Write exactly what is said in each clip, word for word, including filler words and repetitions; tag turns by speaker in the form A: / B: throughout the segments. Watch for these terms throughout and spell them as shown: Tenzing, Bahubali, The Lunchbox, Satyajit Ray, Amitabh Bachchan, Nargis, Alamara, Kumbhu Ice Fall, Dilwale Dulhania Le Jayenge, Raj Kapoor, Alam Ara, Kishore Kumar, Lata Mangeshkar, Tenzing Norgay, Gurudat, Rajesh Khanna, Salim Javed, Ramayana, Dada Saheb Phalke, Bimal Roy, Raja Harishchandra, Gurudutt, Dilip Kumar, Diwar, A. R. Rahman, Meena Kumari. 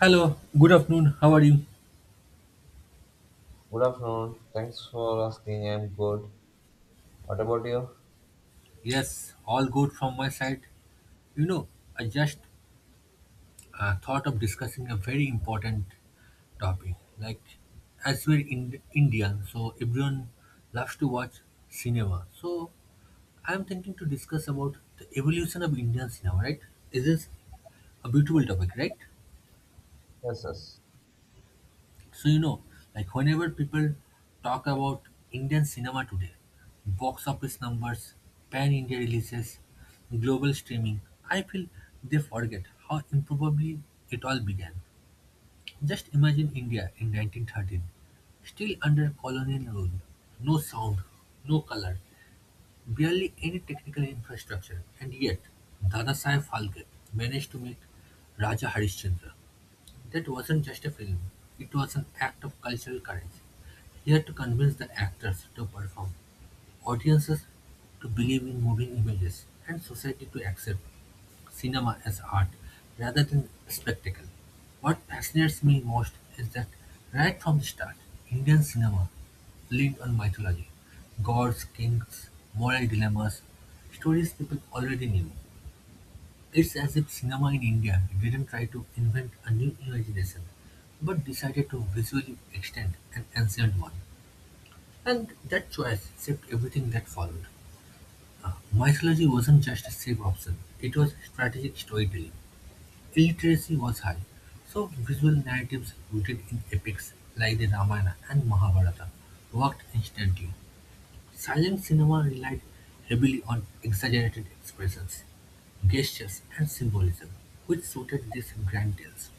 A: Hello, good afternoon. How are you?
B: Good afternoon. Thanks for asking. I'm good. What about you?
A: Yes, all good from my side. You know, I just uh, thought of discussing a very important topic. Like, as we're in Indian, so everyone loves to watch cinema. So, I'm thinking to discuss about the evolution of Indian cinema, right? This is a beautiful topic, right?
B: Yes, yes.
A: So you know, like whenever people talk about Indian cinema today, box office numbers, pan-India releases, global streaming, I feel they forget how improbably it all began. Just imagine India in nineteen thirteen, still under colonial rule, no sound, no color, barely any technical infrastructure, and yet Dada Saheb Phalke managed to make Raja Harishchandra. That wasn't just a film, it was an act of cultural courage. He had to convince the actors to perform, audiences to believe in moving images, and society to accept cinema as art rather than a spectacle. What fascinates me most is that right from the start, Indian cinema leaned on mythology, gods, kings, moral dilemmas, stories people already knew. It's as if cinema in India didn't try to invent a new imagination, but decided to visually extend an ancient one. And that choice shaped everything that followed. Uh, mythology wasn't just a safe option, it was strategic storytelling. Illiteracy was high, so visual narratives rooted in epics like the Ramayana and Mahabharata worked instantly. Silent cinema relied heavily on exaggerated expressions, gestures, and symbolism, which suited these grand tales.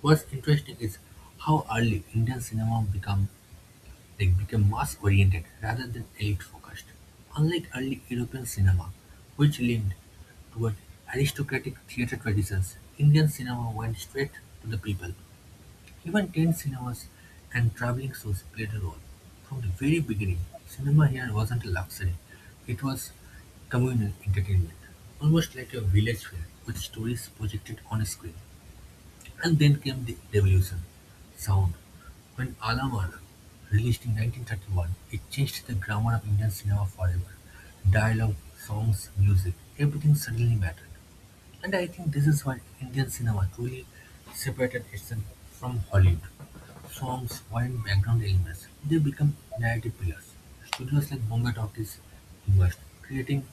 A: What's interesting is how early Indian cinema become like became mass-oriented rather than elite-focused. Unlike early European cinema, which leaned toward aristocratic theatre traditions, Indian cinema went straight to the people, even tent cinemas and traveling shows played a role. From the very beginning, cinema here wasn't a luxury, it was communal entertainment, almost like a village fair with stories projected on a screen. And then came the revolution sound. When Alamara released in nineteen thirty-one, it changed the grammar of Indian cinema forever. Dialogue, songs, music, everything suddenly mattered. And I think this is what Indian cinema truly separated itself from Hollywood. Songs weren't background elements, they become narrative pillars. Studios like Bombay Talkies emerged, creating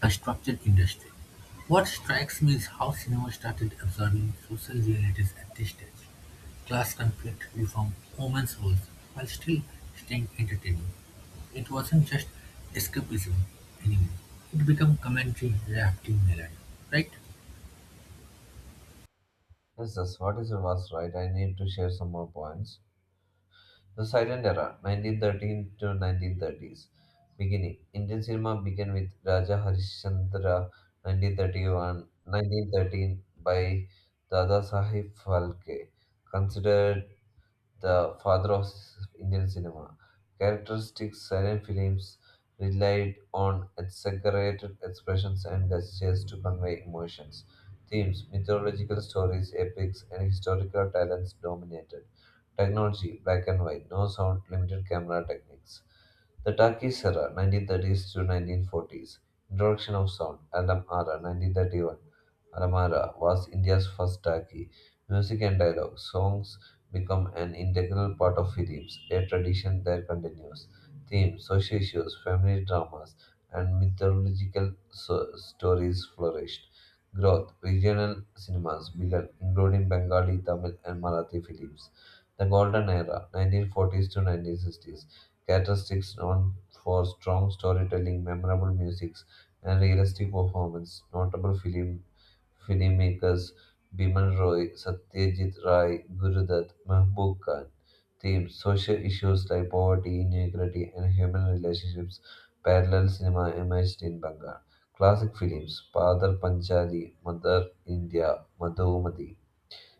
A: a structured industry. What strikes me is how cinema started observing social realities at this stage. Class conflict, reform, women's roles, while still staying entertaining. It wasn't just escapism anymore. It became commentary wrapped in melody, right?
B: Yes, yes. What is your was right? I need to share some more points. The Silent Era, nineteen thirteen to nineteen thirties. Beginning. Indian cinema began with Raja Harishchandra, nineteen thirty-one nineteen thirteen by Dada Sahib Phalke, considered the father of Indian cinema. Characteristic silent films relied on exaggerated expressions and gestures to convey emotions. Themes, mythological stories, epics, and historical talents dominated. Technology, black and white, no sound, limited camera techniques. The Turkish era, nineteen thirties to nineteen forties. Introduction of sound, Alam Ara, nineteen thirty-one. Alamara was India's first Turkey. Music and dialogue, songs become an integral part of films, a tradition that continues. Themes, social issues, family dramas, and mythological so- stories flourished. Growth, regional cinemas began, including Bengali, Tamil, and Marathi films. The Golden Era, nineteen forties to nineteen sixties, characteristics known for strong storytelling, memorable music, and realistic performance, notable film filmmakers Bimal Roy, Satyajit Ray, Gurudutt, Mahbub Khan. Theme: social issues like poverty, inequality, and human relationships. Parallel cinema emerged in Bengal. Classic films: Padar Panchali, Mother India, Madhumati.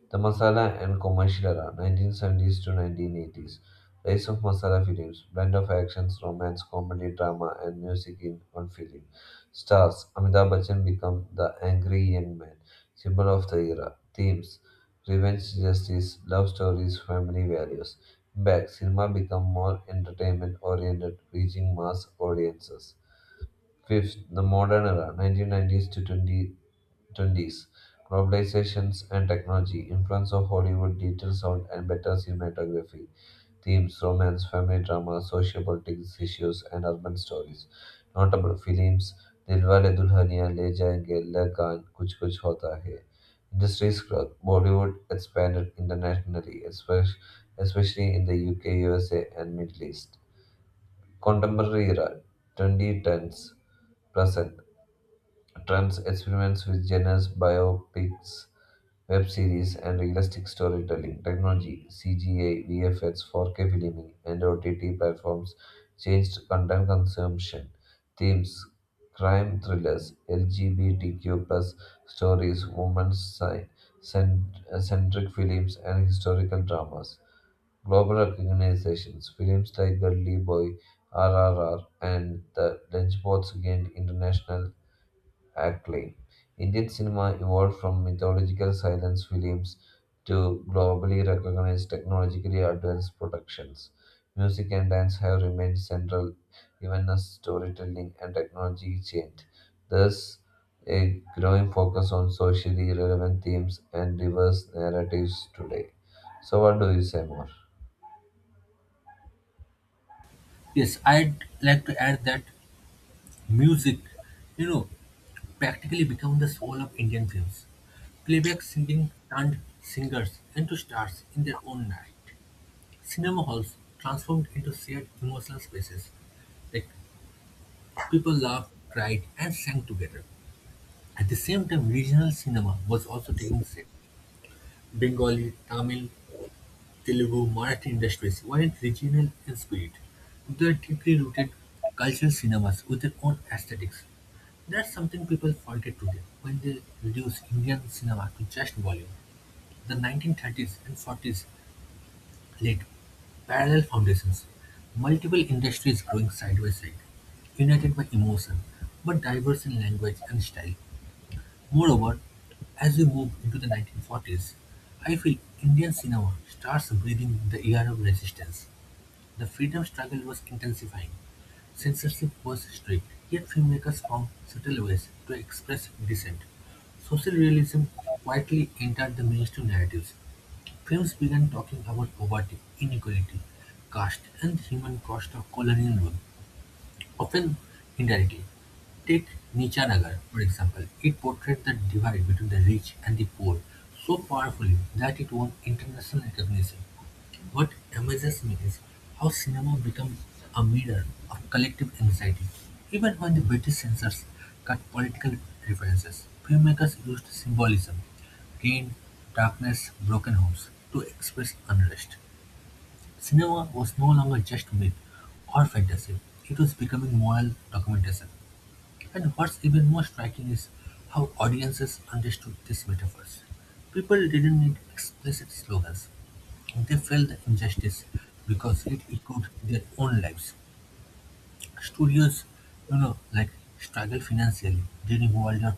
B: The masala and commercial era, nineteen seventies to nineteen eighties. Rise of masala films, blend of actions, romance, comedy, drama, and music in one film. Stars, Amitabh Bachchan become the angry young man, symbol of the era. Themes, revenge, justice, love stories, family values. Back, cinema become more entertainment-oriented, reaching mass audiences. Fifth, the modern era, nineteen nineties to twenty 20s. Globalizations and technology, influence of Hollywood, digital sound, and better cinematography, themes, romance, family drama, social politics issues, and urban stories. Notable films Dilwale Dulhania, Le Jayenge, Le Gaan, Kuch Kuch Hota Hai. Industries growth, Bollywood expanded internationally, espe- especially in the U K, U S A, and Middle East. Contemporary era, twenty tens, present. Trump's experiments with genres, biopics, web series, and realistic storytelling, technology, C G I, V F X, four K filming, and O T T platforms changed content consumption. Themes, crime thrillers, L G B T Q plus stories, women's sci- cent- centric films, and historical dramas. Global recognitions, films like Gully Boy, R R R, and The Lunchbox gained international acclaim. Indian cinema evolved from mythological silence films to globally recognized technologically advanced productions. Music and dance have remained central even as storytelling and technology changed. Thus, a growing focus on socially relevant themes and diverse narratives today. So, what do you say more?
A: Yes, I'd like to add that music, you know, practically become the soul of Indian films. Playback singing turned singers into stars in their own right. Cinema halls transformed into shared emotional spaces. Like people laughed, cried, and sang together. At the same time, regional cinema was also taking shape. Bengali, Tamil, Telugu, Marathi industries weren't regional in spirit. They are deeply rooted cultural cinemas with their own aesthetics. That's something people forget today when they reduce Indian cinema to just volume. The nineteen thirties and forties laid parallel foundations, multiple industries growing side by side, united by emotion, but diverse in language and style. Moreover, as we move into the nineteen forties, I feel Indian cinema starts breathing the air of resistance. The freedom struggle was intensifying. Censorship was strict, yet filmmakers found subtle ways to express dissent. Social realism quietly entered the mainstream narratives. Films began talking about poverty, inequality, caste, and the human cost of colonial rule, often indirectly. Take Nichanagar, for example. It portrayed the divide between the rich and the poor so powerfully that it won international recognition. What amazes me is how cinema became a mirror of collective anxiety. Even when the British censors cut political references, filmmakers used symbolism, rain, darkness, broken homes, to express unrest. Cinema was no longer just myth or fantasy, it was becoming moral documentation. And what's even more striking is how audiences understood these metaphors. People didn't need explicit slogans. They felt the injustice because it echoed their own lives. Studios, you know, like struggled financially during World War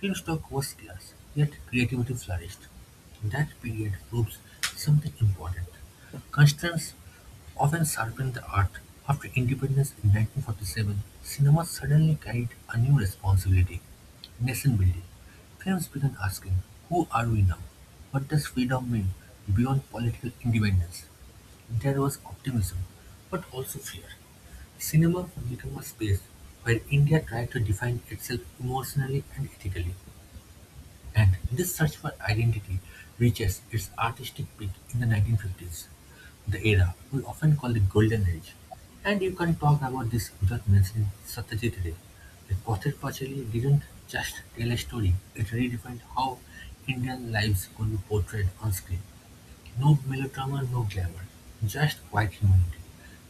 A: two. Stock was scarce, yet creativity flourished. That period proves something important. Constraints often sharpened the art. After independence in nineteen forty-seven, cinema suddenly carried a new responsibility, nation building. Films began asking, who are we now? What does freedom mean beyond political independence? There was optimism, but also fear. Cinema became a space where India tried to define itself emotionally and ethically, and this search for identity reaches its artistic peak in the nineteen fifties, the era we often call the Golden Age. And you can talk about this without mentioning Satyajit Ray. The Pathet Panchali didn't just tell a story, it redefined how Indian lives could be portrayed on screen. No melodrama, no glamour, just quiet humanity.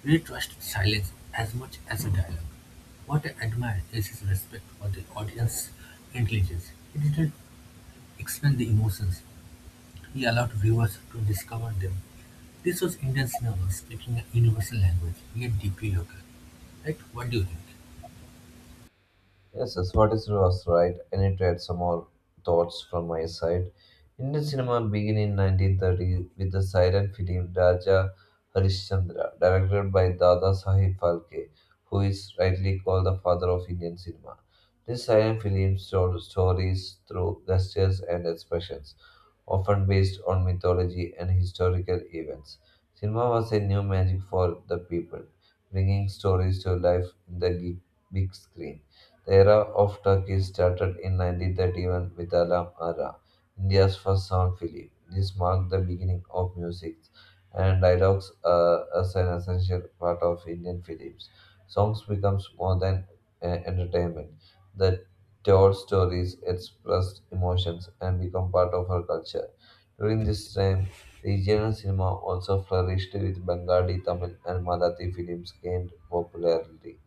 A: We trust silence as much as a dialogue. What I admire is his respect for the audience's intelligence. He didn't explain the emotions, he allowed viewers to discover them. This was Indian cinema speaking a universal language, yet deeply local. Right? What do you think?
B: Yes, yes, what is was right. I need to add some more thoughts from my side. Indian cinema began in nineteen thirty with the silent film Raja Harishchandra, directed by Dada Sahib Phalke, who is rightly called the father of Indian cinema. This silent film told stories through gestures and expressions, often based on mythology and historical events. Cinema was a new magic for the people, bringing stories to life in the gi- big screen. The era of Turkey started in nineteen thirty-one with Alam Ara, India's first sound film. This marked the beginning of music and dialogues uh, as an essential part of Indian films. Songs becomes more than uh, entertainment that told stories, expressed emotions, and become part of her culture. During this time, regional cinema also flourished with Bengali, Tamil, and Marathi films gained popularity.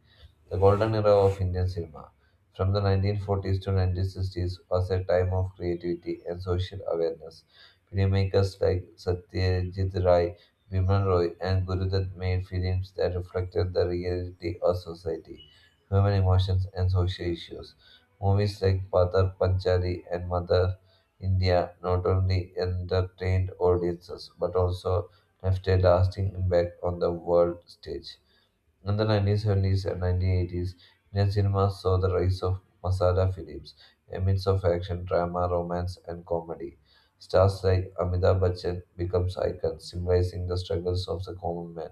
B: The golden era of Indian cinema, from the nineteen forties to nineteen sixties, was a time of creativity and social awareness. Filmmakers like Satyajit Ray, Vimal Roy, and Gurudutt made films that reflected the reality of society, human emotions, and social issues. Movies like Patar Panchali and Mother India not only entertained audiences but also left a lasting impact on the world stage. In the nineteen seventies and nineteen eighties, Indian cinema saw the rise of masala films, a mix of action, drama, romance, and comedy. Stars like Amitabh Bachchan becomes icons, symbolizing the struggles of the common man.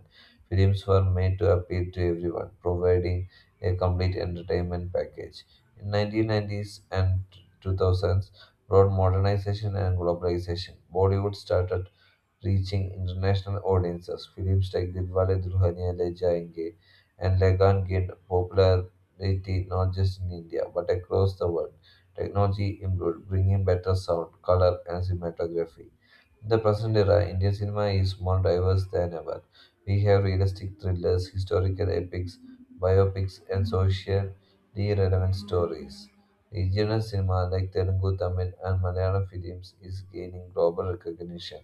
B: Films were made to appeal to everyone, providing a complete entertainment package. In nineteen nineties and two thousands, brought modernization and globalization. Bollywood started reaching international audiences. Films like Dilwale Dulhaniya Le Jayenge and Lagan gained popularity not just in India but across the world. Technology improved, bringing better sound, color, and cinematography. In the present era, Indian cinema is more diverse than ever. We have realistic thrillers, historical epics, biopics, and socially relevant stories. Regional cinema like Telugu, Tamil, and Malayalam films is gaining global recognition.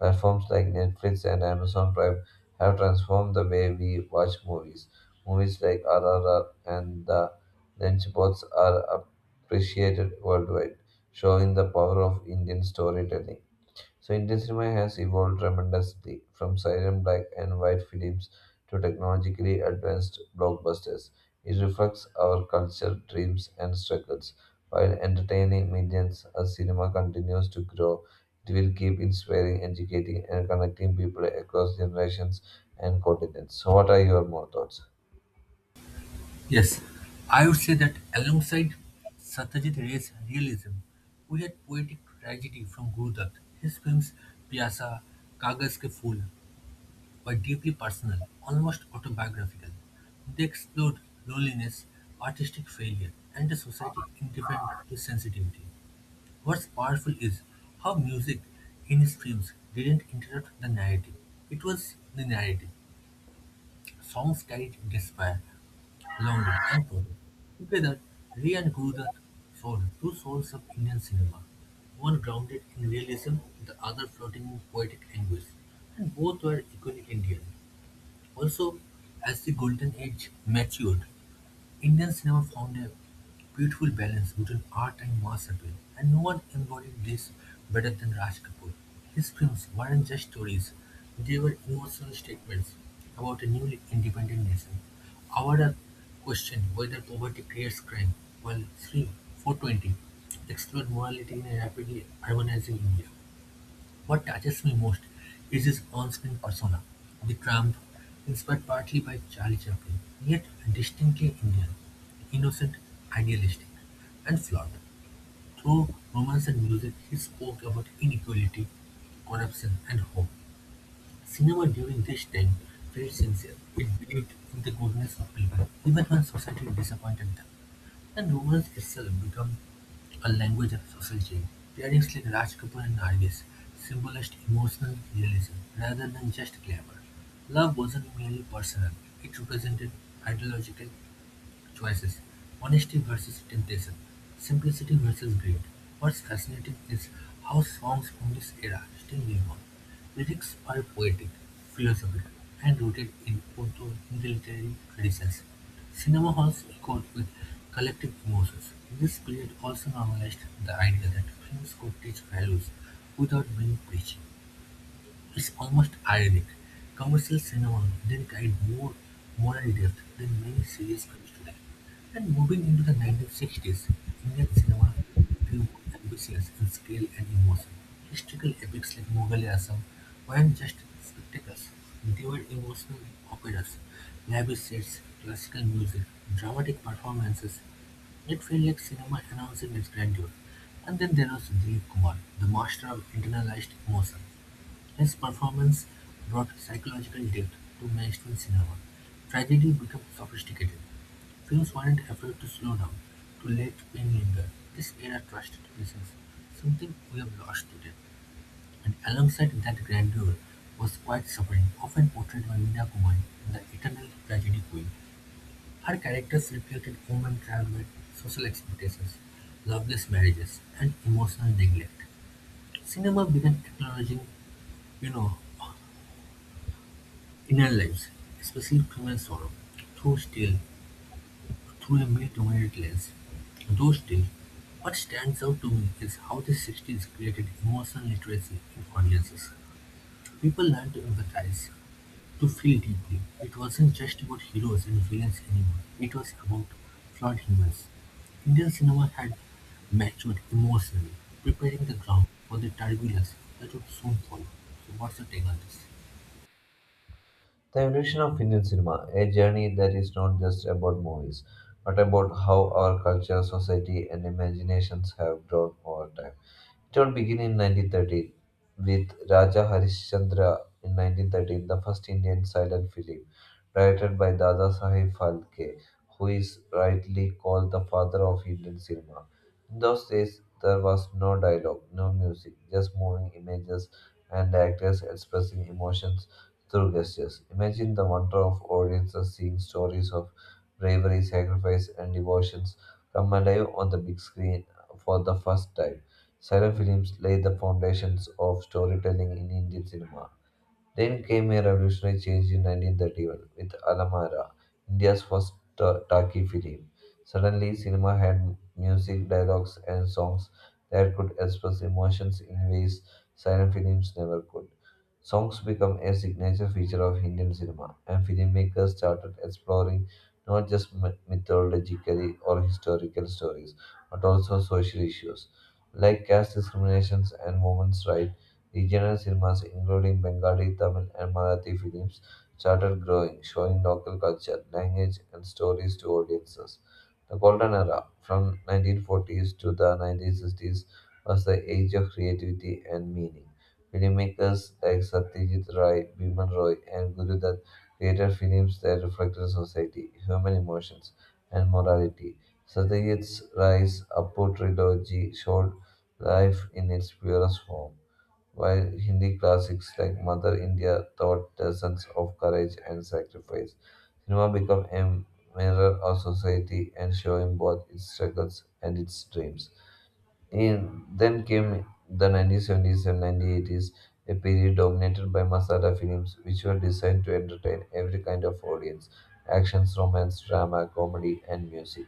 B: Platforms like Netflix and Amazon Prime have transformed the way we watch movies. Movies like R R R and The Lunchbox are appreciated worldwide, showing the power of Indian storytelling. So Indian cinema has evolved tremendously from silent black and white films to technologically advanced blockbusters. It reflects our culture, dreams, and struggles. While entertaining millions, as cinema continues to grow, it will keep inspiring, educating, and connecting people across generations and continents. So, what are your more thoughts?
A: Yes, I would say that alongside Satyajit Ray's realism, we had poetic tragedy from Gurudat. His films Pyasa, Kagas Ke Phool, were deeply personal, almost autobiographical. They explored loneliness, artistic failure, and a society indifferent to sensitivity. What's powerful is how music in his films didn't interrupt the narrative. It was the narrative. Songs carried despair, longing, and sorrow. Together, Ray and Gurudat formed two souls of Indian cinema, one grounded in realism, the other floating in poetic anguish, and both were equally Indian. Also, as the Golden Age matured, Indian cinema found a beautiful balance between art and mass appeal, and no one embodied this better than Raj Kapoor. His films weren't just stories, they were emotional statements about a newly independent nation. Our question whether poverty creates crime, while 3 420 explored morality in a rapidly urbanizing India. What touches me most is his on-screen persona, the tramp, inspired partly by Charlie Chaplin, yet distinctly Indian, innocent, idealistic, and flawed. Through romance and music, he spoke about inequality, corruption, and hope. Cinema during this time felt sincere. It believed in the goodness of people, even when society disappointed them. And novel itself become a language of social change. Pairings like Raj Kapoor and Nargis symbolized emotional realism rather than just glamour. Love wasn't merely personal, it represented ideological choices, honesty versus temptation, simplicity versus greed. What's fascinating is how songs from this era still live on. Lyrics are poetic, philosophical, and rooted in Punto Hindi literary traditions. Cinema halls echoed with collective emotions. This period also normalized the idea that films could teach values without being preachy. It's almost ironic: commercial cinema then carried more moral depth than many serious films today. And moving into the nineteen sixties, Indian cinema grew more ambitious in scale and emotion. Historical epics like Mughal e Asam weren't just spectacles, they were emotional operas, lavish sets, classical music, dramatic performances, it felt like cinema announcing its grandeur. And then there was Dilip Kumar, the master of internalized emotion. His performance brought psychological depth to mainstream cinema; tragedy became sophisticated; films weren't afraid to slow down, to let pain linger. This era trusted pieces, something we have lost today. And alongside that grandeur was quite suffering, often portrayed by Meena Kumari, the eternal tragedy queen. Her characters reflected human trauma, social expectations, loveless marriages, and emotional neglect. Cinema began acknowledging, you know, in our lives, especially through and sorrow, through still, through a mid-wide lens. Though still, what stands out to me is how the sixties created emotional literacy in audiences. People learned to empathize, to feel deeply. It wasn't just about heroes and villains anymore, it was about flawed humans. Indian cinema had matured emotionally, preparing the ground for the turbulence that would soon follow. So, what's your take on this?
B: The evolution of Indian cinema, a journey that is not just about movies, but about how our culture, society, and imaginations have grown over time. It all began in nineteen thirteen with Raja Harishchandra in nineteen thirteen, the first Indian silent film directed by Dada Saheb Phalke, who is rightly called the father of Indian cinema. In those days, there was no dialogue, no music, just moving images and actors expressing emotions through gestures. Imagine the wonder of audiences seeing stories of bravery, sacrifice, and devotions come alive on the big screen for the first time. Silent films laid the foundations of storytelling in Indian cinema. Then came a revolutionary change in nineteen thirty-one with Alamara, India's first Ta- Taki film. Suddenly, cinema had music, dialogues, and songs that could express emotions in ways silent films never could. Songs became a signature feature of Indian cinema, and filmmakers started exploring not just myth- mythologically or historical stories, but also social issues like caste discriminations and women's rights. Regional cinemas, including Bengali, Tamil, and Marathi films, started growing, showing local culture, language, and stories to audiences. The golden era, from nineteen forties to the nineteen sixties, was the age of creativity and meaning. Filmmakers like Satyajit Ray, Biman Roy, and Guru Dutt created films that reflected society, human emotions, and morality. Satyajit Ray's Apu trilogy showed life in its purest form while Hindi classics like Mother India taught lessons of courage and sacrifice. Cinema became a mirror of society and showing both its struggles and its dreams. In then came the nineteen seventies and nineteen eighties, a period dominated by masala films, which were designed to entertain every kind of audience actions, romance, drama, comedy, and music,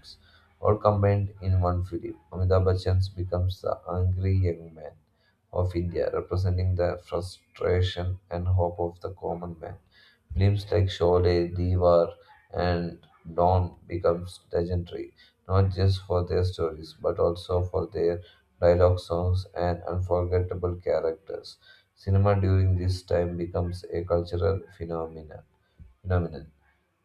B: all combined in one film. Amitabh Bachchan becomes the angry young man of India, representing the frustration and hope of the common man. Films like Sholay, Diwar, and Dawn becomes legendary, not just for their stories, but also for their dialogue, songs, and unforgettable characters. Cinema during this time becomes a cultural phenomena- phenomenon.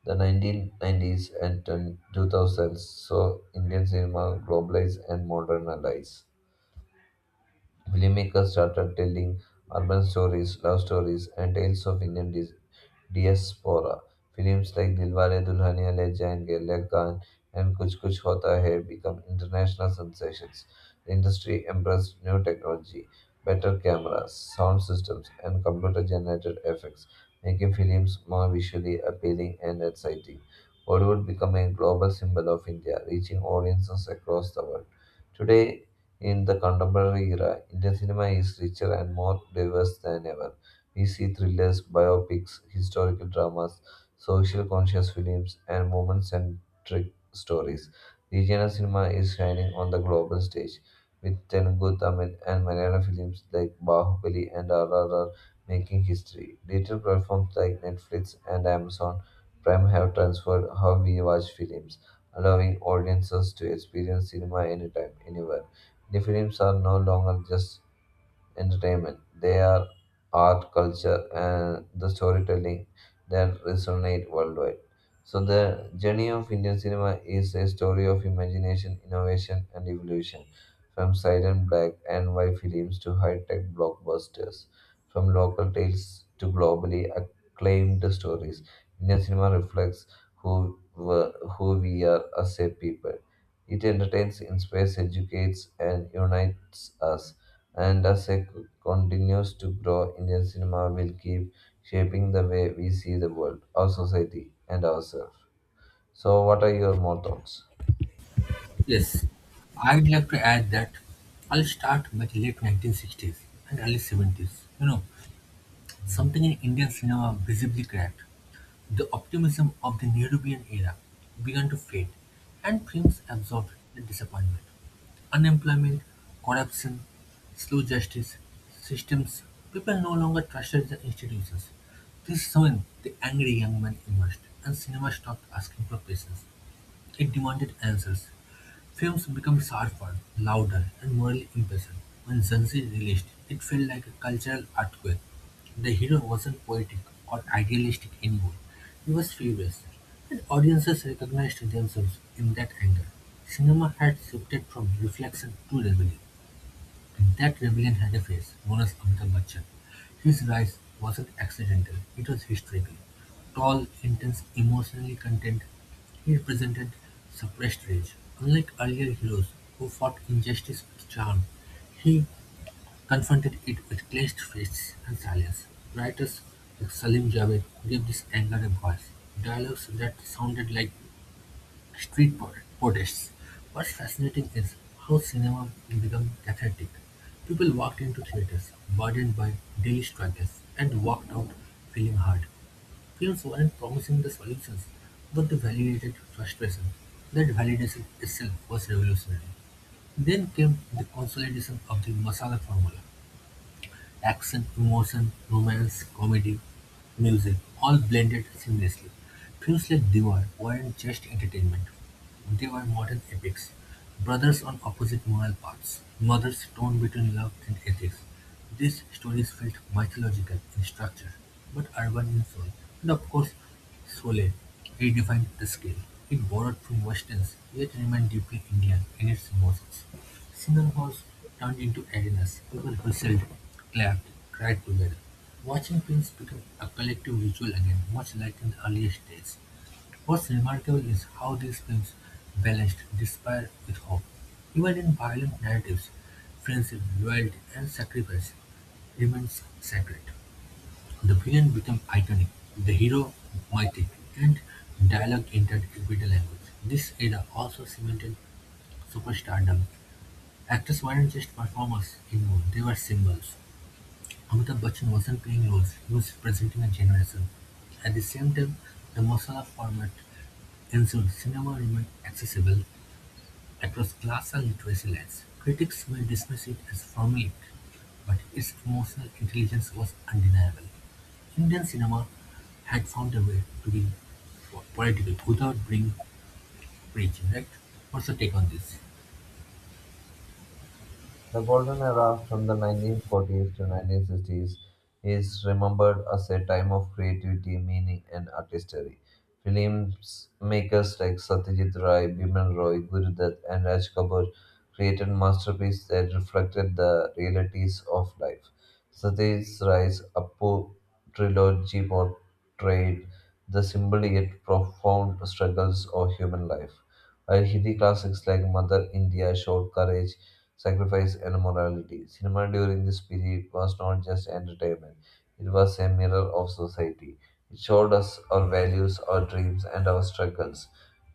B: The nineteen nineties and two thousands saw Indian cinema globalize and modernize. Filmmakers started telling urban stories, love stories, and tales of Indian dis- diaspora. Films like Dilwale Dulhania Le Jayenge, Lagan, and Kuch Kuch Hota Hai become international sensations. The industry embraced new technology, better cameras, sound systems, and computer-generated effects, making films more visually appealing and exciting. Bollywood became a global symbol of India, reaching audiences across the world. Today, in the contemporary era, Indian cinema is richer and more diverse than ever. We see thrillers, biopics, historical dramas, social conscious films, and women centric stories. Regional cinema is shining on the global stage, with Telugu, Tamil, and Malayalam films like Bahubali and R R R making history. Digital platforms like Netflix and Amazon Prime have transformed how we watch films, allowing audiences to experience cinema anytime, anywhere. The films are no longer just entertainment. They are art, culture, and the storytelling that resonate worldwide. So the journey of Indian cinema is a story of imagination, innovation, and evolution, from silent black and white films to high-tech blockbusters, from local tales to globally acclaimed stories. Indian cinema reflects who were, who we are as a people. It entertains, inspires, educates, and unites us, and as it continues to grow, Indian cinema will keep shaping the way we see the world, our society, and ourselves. So, what are your more thoughts?
A: Yes, I'd like to add that I'll start with late nineteen sixties and early seventies. You know, something in Indian cinema visibly cracked. The optimism of the Nehruvian era began to fade, and films absorbed the disappointment. Unemployment, corruption, slow justice, systems, people no longer trusted the institutions. This is when the angry young man emerged, and cinema stopped asking for patience, it demanded answers. Films became sharper, louder, and morally impatient. When Zanzi released, it felt like a cultural earthquake. The hero wasn't poetic or idealistic anymore. He was furious, and audiences recognized themselves in that anger. Cinema had shifted from reflection to rebellion. That rebellion had a face, known as Amitabh Bachchan. His rise wasn't accidental, it was historical. Tall, intense, emotionally content, he represented suppressed rage. Unlike earlier heroes who fought injustice with charm, he confronted it with clenched fists and silence. Writers like Salim Javed gave this anger a voice, dialogues that sounded like Street pro protests. What's fascinating is how cinema became cathartic. People walked into theaters burdened by daily struggles and walked out feeling hard. Films weren't promising the solutions, but they validated frustration. That validation itself was revolutionary. Then came the consolidation of the masala formula. Action, emotion, romance, comedy, music, all blended seamlessly. Films like Diwar weren't just entertainment. They were modern epics. Brothers on opposite moral paths, mothers torn between love and ethics. These stories felt mythological in structure, but urban in soul. And of course, Sole redefined the scale. It borrowed from westerns, yet remained deeply Indian in its emotions. Single halls turned into arenas. People whistled, clapped, cried together. Watching films became a collective ritual again, much like in the earlier days. What's remarkable is how these films balanced despair with hope. Even in violent narratives, friendship, loyalty, and sacrifice remains sacred. The villain became iconic, the hero mythic, and dialogue entered everyday language. This era also cemented superstardom. Actors weren't just performers anymore, they were symbols. Amitabh Bachchan wasn't playing roles, he was presenting a generation. At the same time, the masala format ensured cinema remained accessible across class and literacy lines. Critics may dismiss it as formulaic, but its emotional intelligence was undeniable. Indian cinema had found a way to be po- political without being preachy. Right? What's your take on this?
B: The golden era from the nineteen forties to nineteen sixties is remembered as a time of creativity, meaning, and artistry. Films makers like Satyajit Ray, Bimal Roy, Gurudutt, and Raj Kapoor created masterpieces that reflected the realities of life. Satyajit Ray's Appu trilogy portrayed the simple yet profound struggles of human life, while Hindi classics like Mother India showed courage, sacrifice, and morality. Cinema during this period was not just entertainment, it was a mirror of society. It showed us our values, our dreams, and our struggles.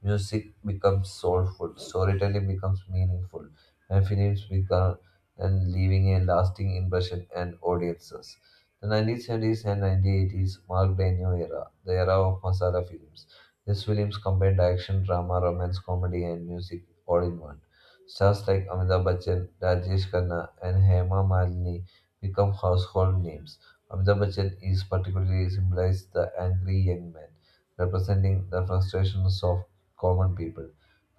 B: Music becomes soulful, storytelling becomes meaningful, and films become and leaving a lasting impression on audiences. The nineteen seventies and nineteen eighties marked a new era, the era of masala films. These films combined action, drama, romance, comedy, and music all in one. Stars like Amitabh Bachchan, Rajesh Khanna, and Hema Malini become household names. Amitabh Bachchan is particularly symbolized the angry young man, representing the frustrations of common people.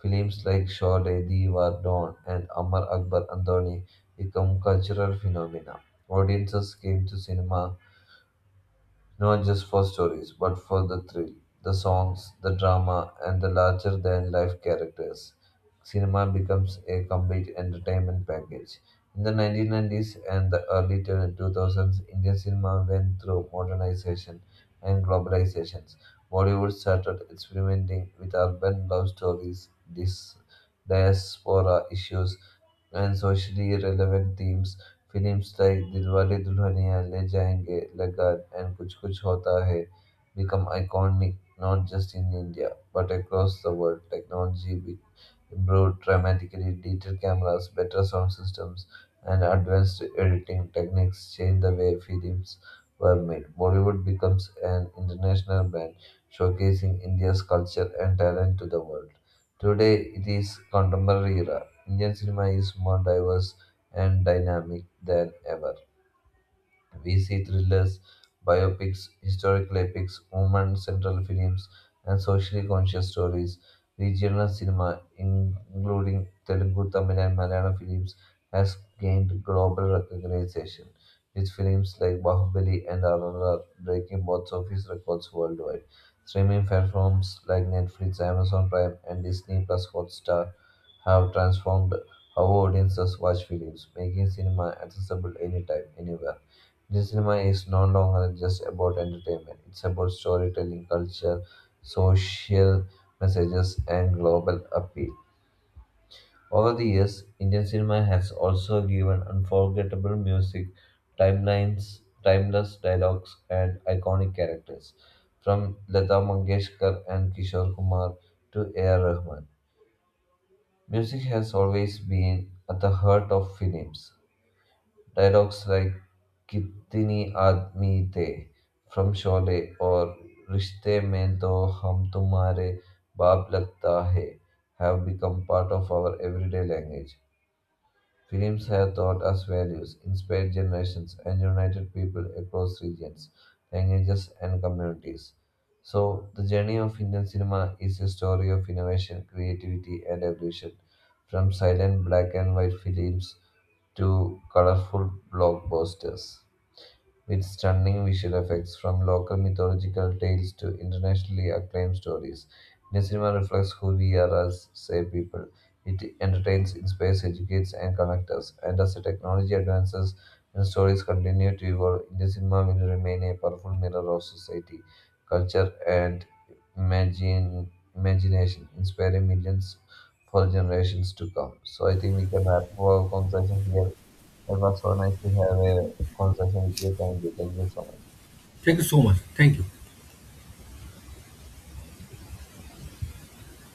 B: Films like Shaw Lady War Dawn and Amar Akbar Andoni become cultural phenomena. Audiences came to cinema not just for stories, but for the thrill, the songs, the drama, and the larger than life characters. Cinema becomes a complete entertainment package. In the nineteen nineties and the early two thousands, Indian cinema went through modernization and globalizations. Bollywood started experimenting with urban love stories, dis- diaspora issues, and socially relevant themes. Films like Dilwale Dulhaniya Le Jayenge, Lagan, and Kuch Kuch Hota Hai become iconic not just in India but across the world. Technology improved dramatically. Digital cameras, better sound systems, and advanced editing techniques changed the way films were made. Bollywood becomes an international brand, showcasing India's culture and talent to the world. Today, it is contemporary era. Indian cinema is more diverse and dynamic than ever. We see thrillers, biopics, historical epics, woman centered films, and socially conscious stories. Regional cinema, including Telugu, Tamil, and Malayalam films, has gained global recognition, with films like Bahubali and R R R breaking box office records worldwide. Streaming platforms like Netflix, Amazon Prime, and Disney Plus Hotstar have transformed how audiences watch films, making cinema accessible anytime, anywhere. Indian cinema is no longer just about entertainment, it's about storytelling, culture, social messages, and global appeal. Over the years, Indian cinema has also given unforgettable music, timelines, timeless dialogues, and iconic characters, from Lata Mangeshkar and Kishore Kumar to A. R. Rahman. Music has always been at the heart of films. Dialogues like "कितनी आदमी थे" from Sholay और "रिश्ते में तो हम तुम्हारे बाप लगता है" have become part of our everyday language. Films have taught us values, inspired generations, and united people across regions, languages, and communities. So, the journey of Indian cinema is a story of innovation, creativity, and evolution. From silent black and white films to colorful blockbusters, with stunning visual effects. From local mythological tales to internationally acclaimed stories, Indian cinema reflects who we are as say people. It entertains, inspires, educates, and connects us. And as the technology advances and stories continue to evolve, Indian cinema will remain a powerful mirror of society, culture, and imagine, imagination, inspiring millions for generations to come. So I think we can wrap up our conversation here. It was so nice to have a conversation with you. Thank you. Thank you so much.
A: Thank you so much. Thank you.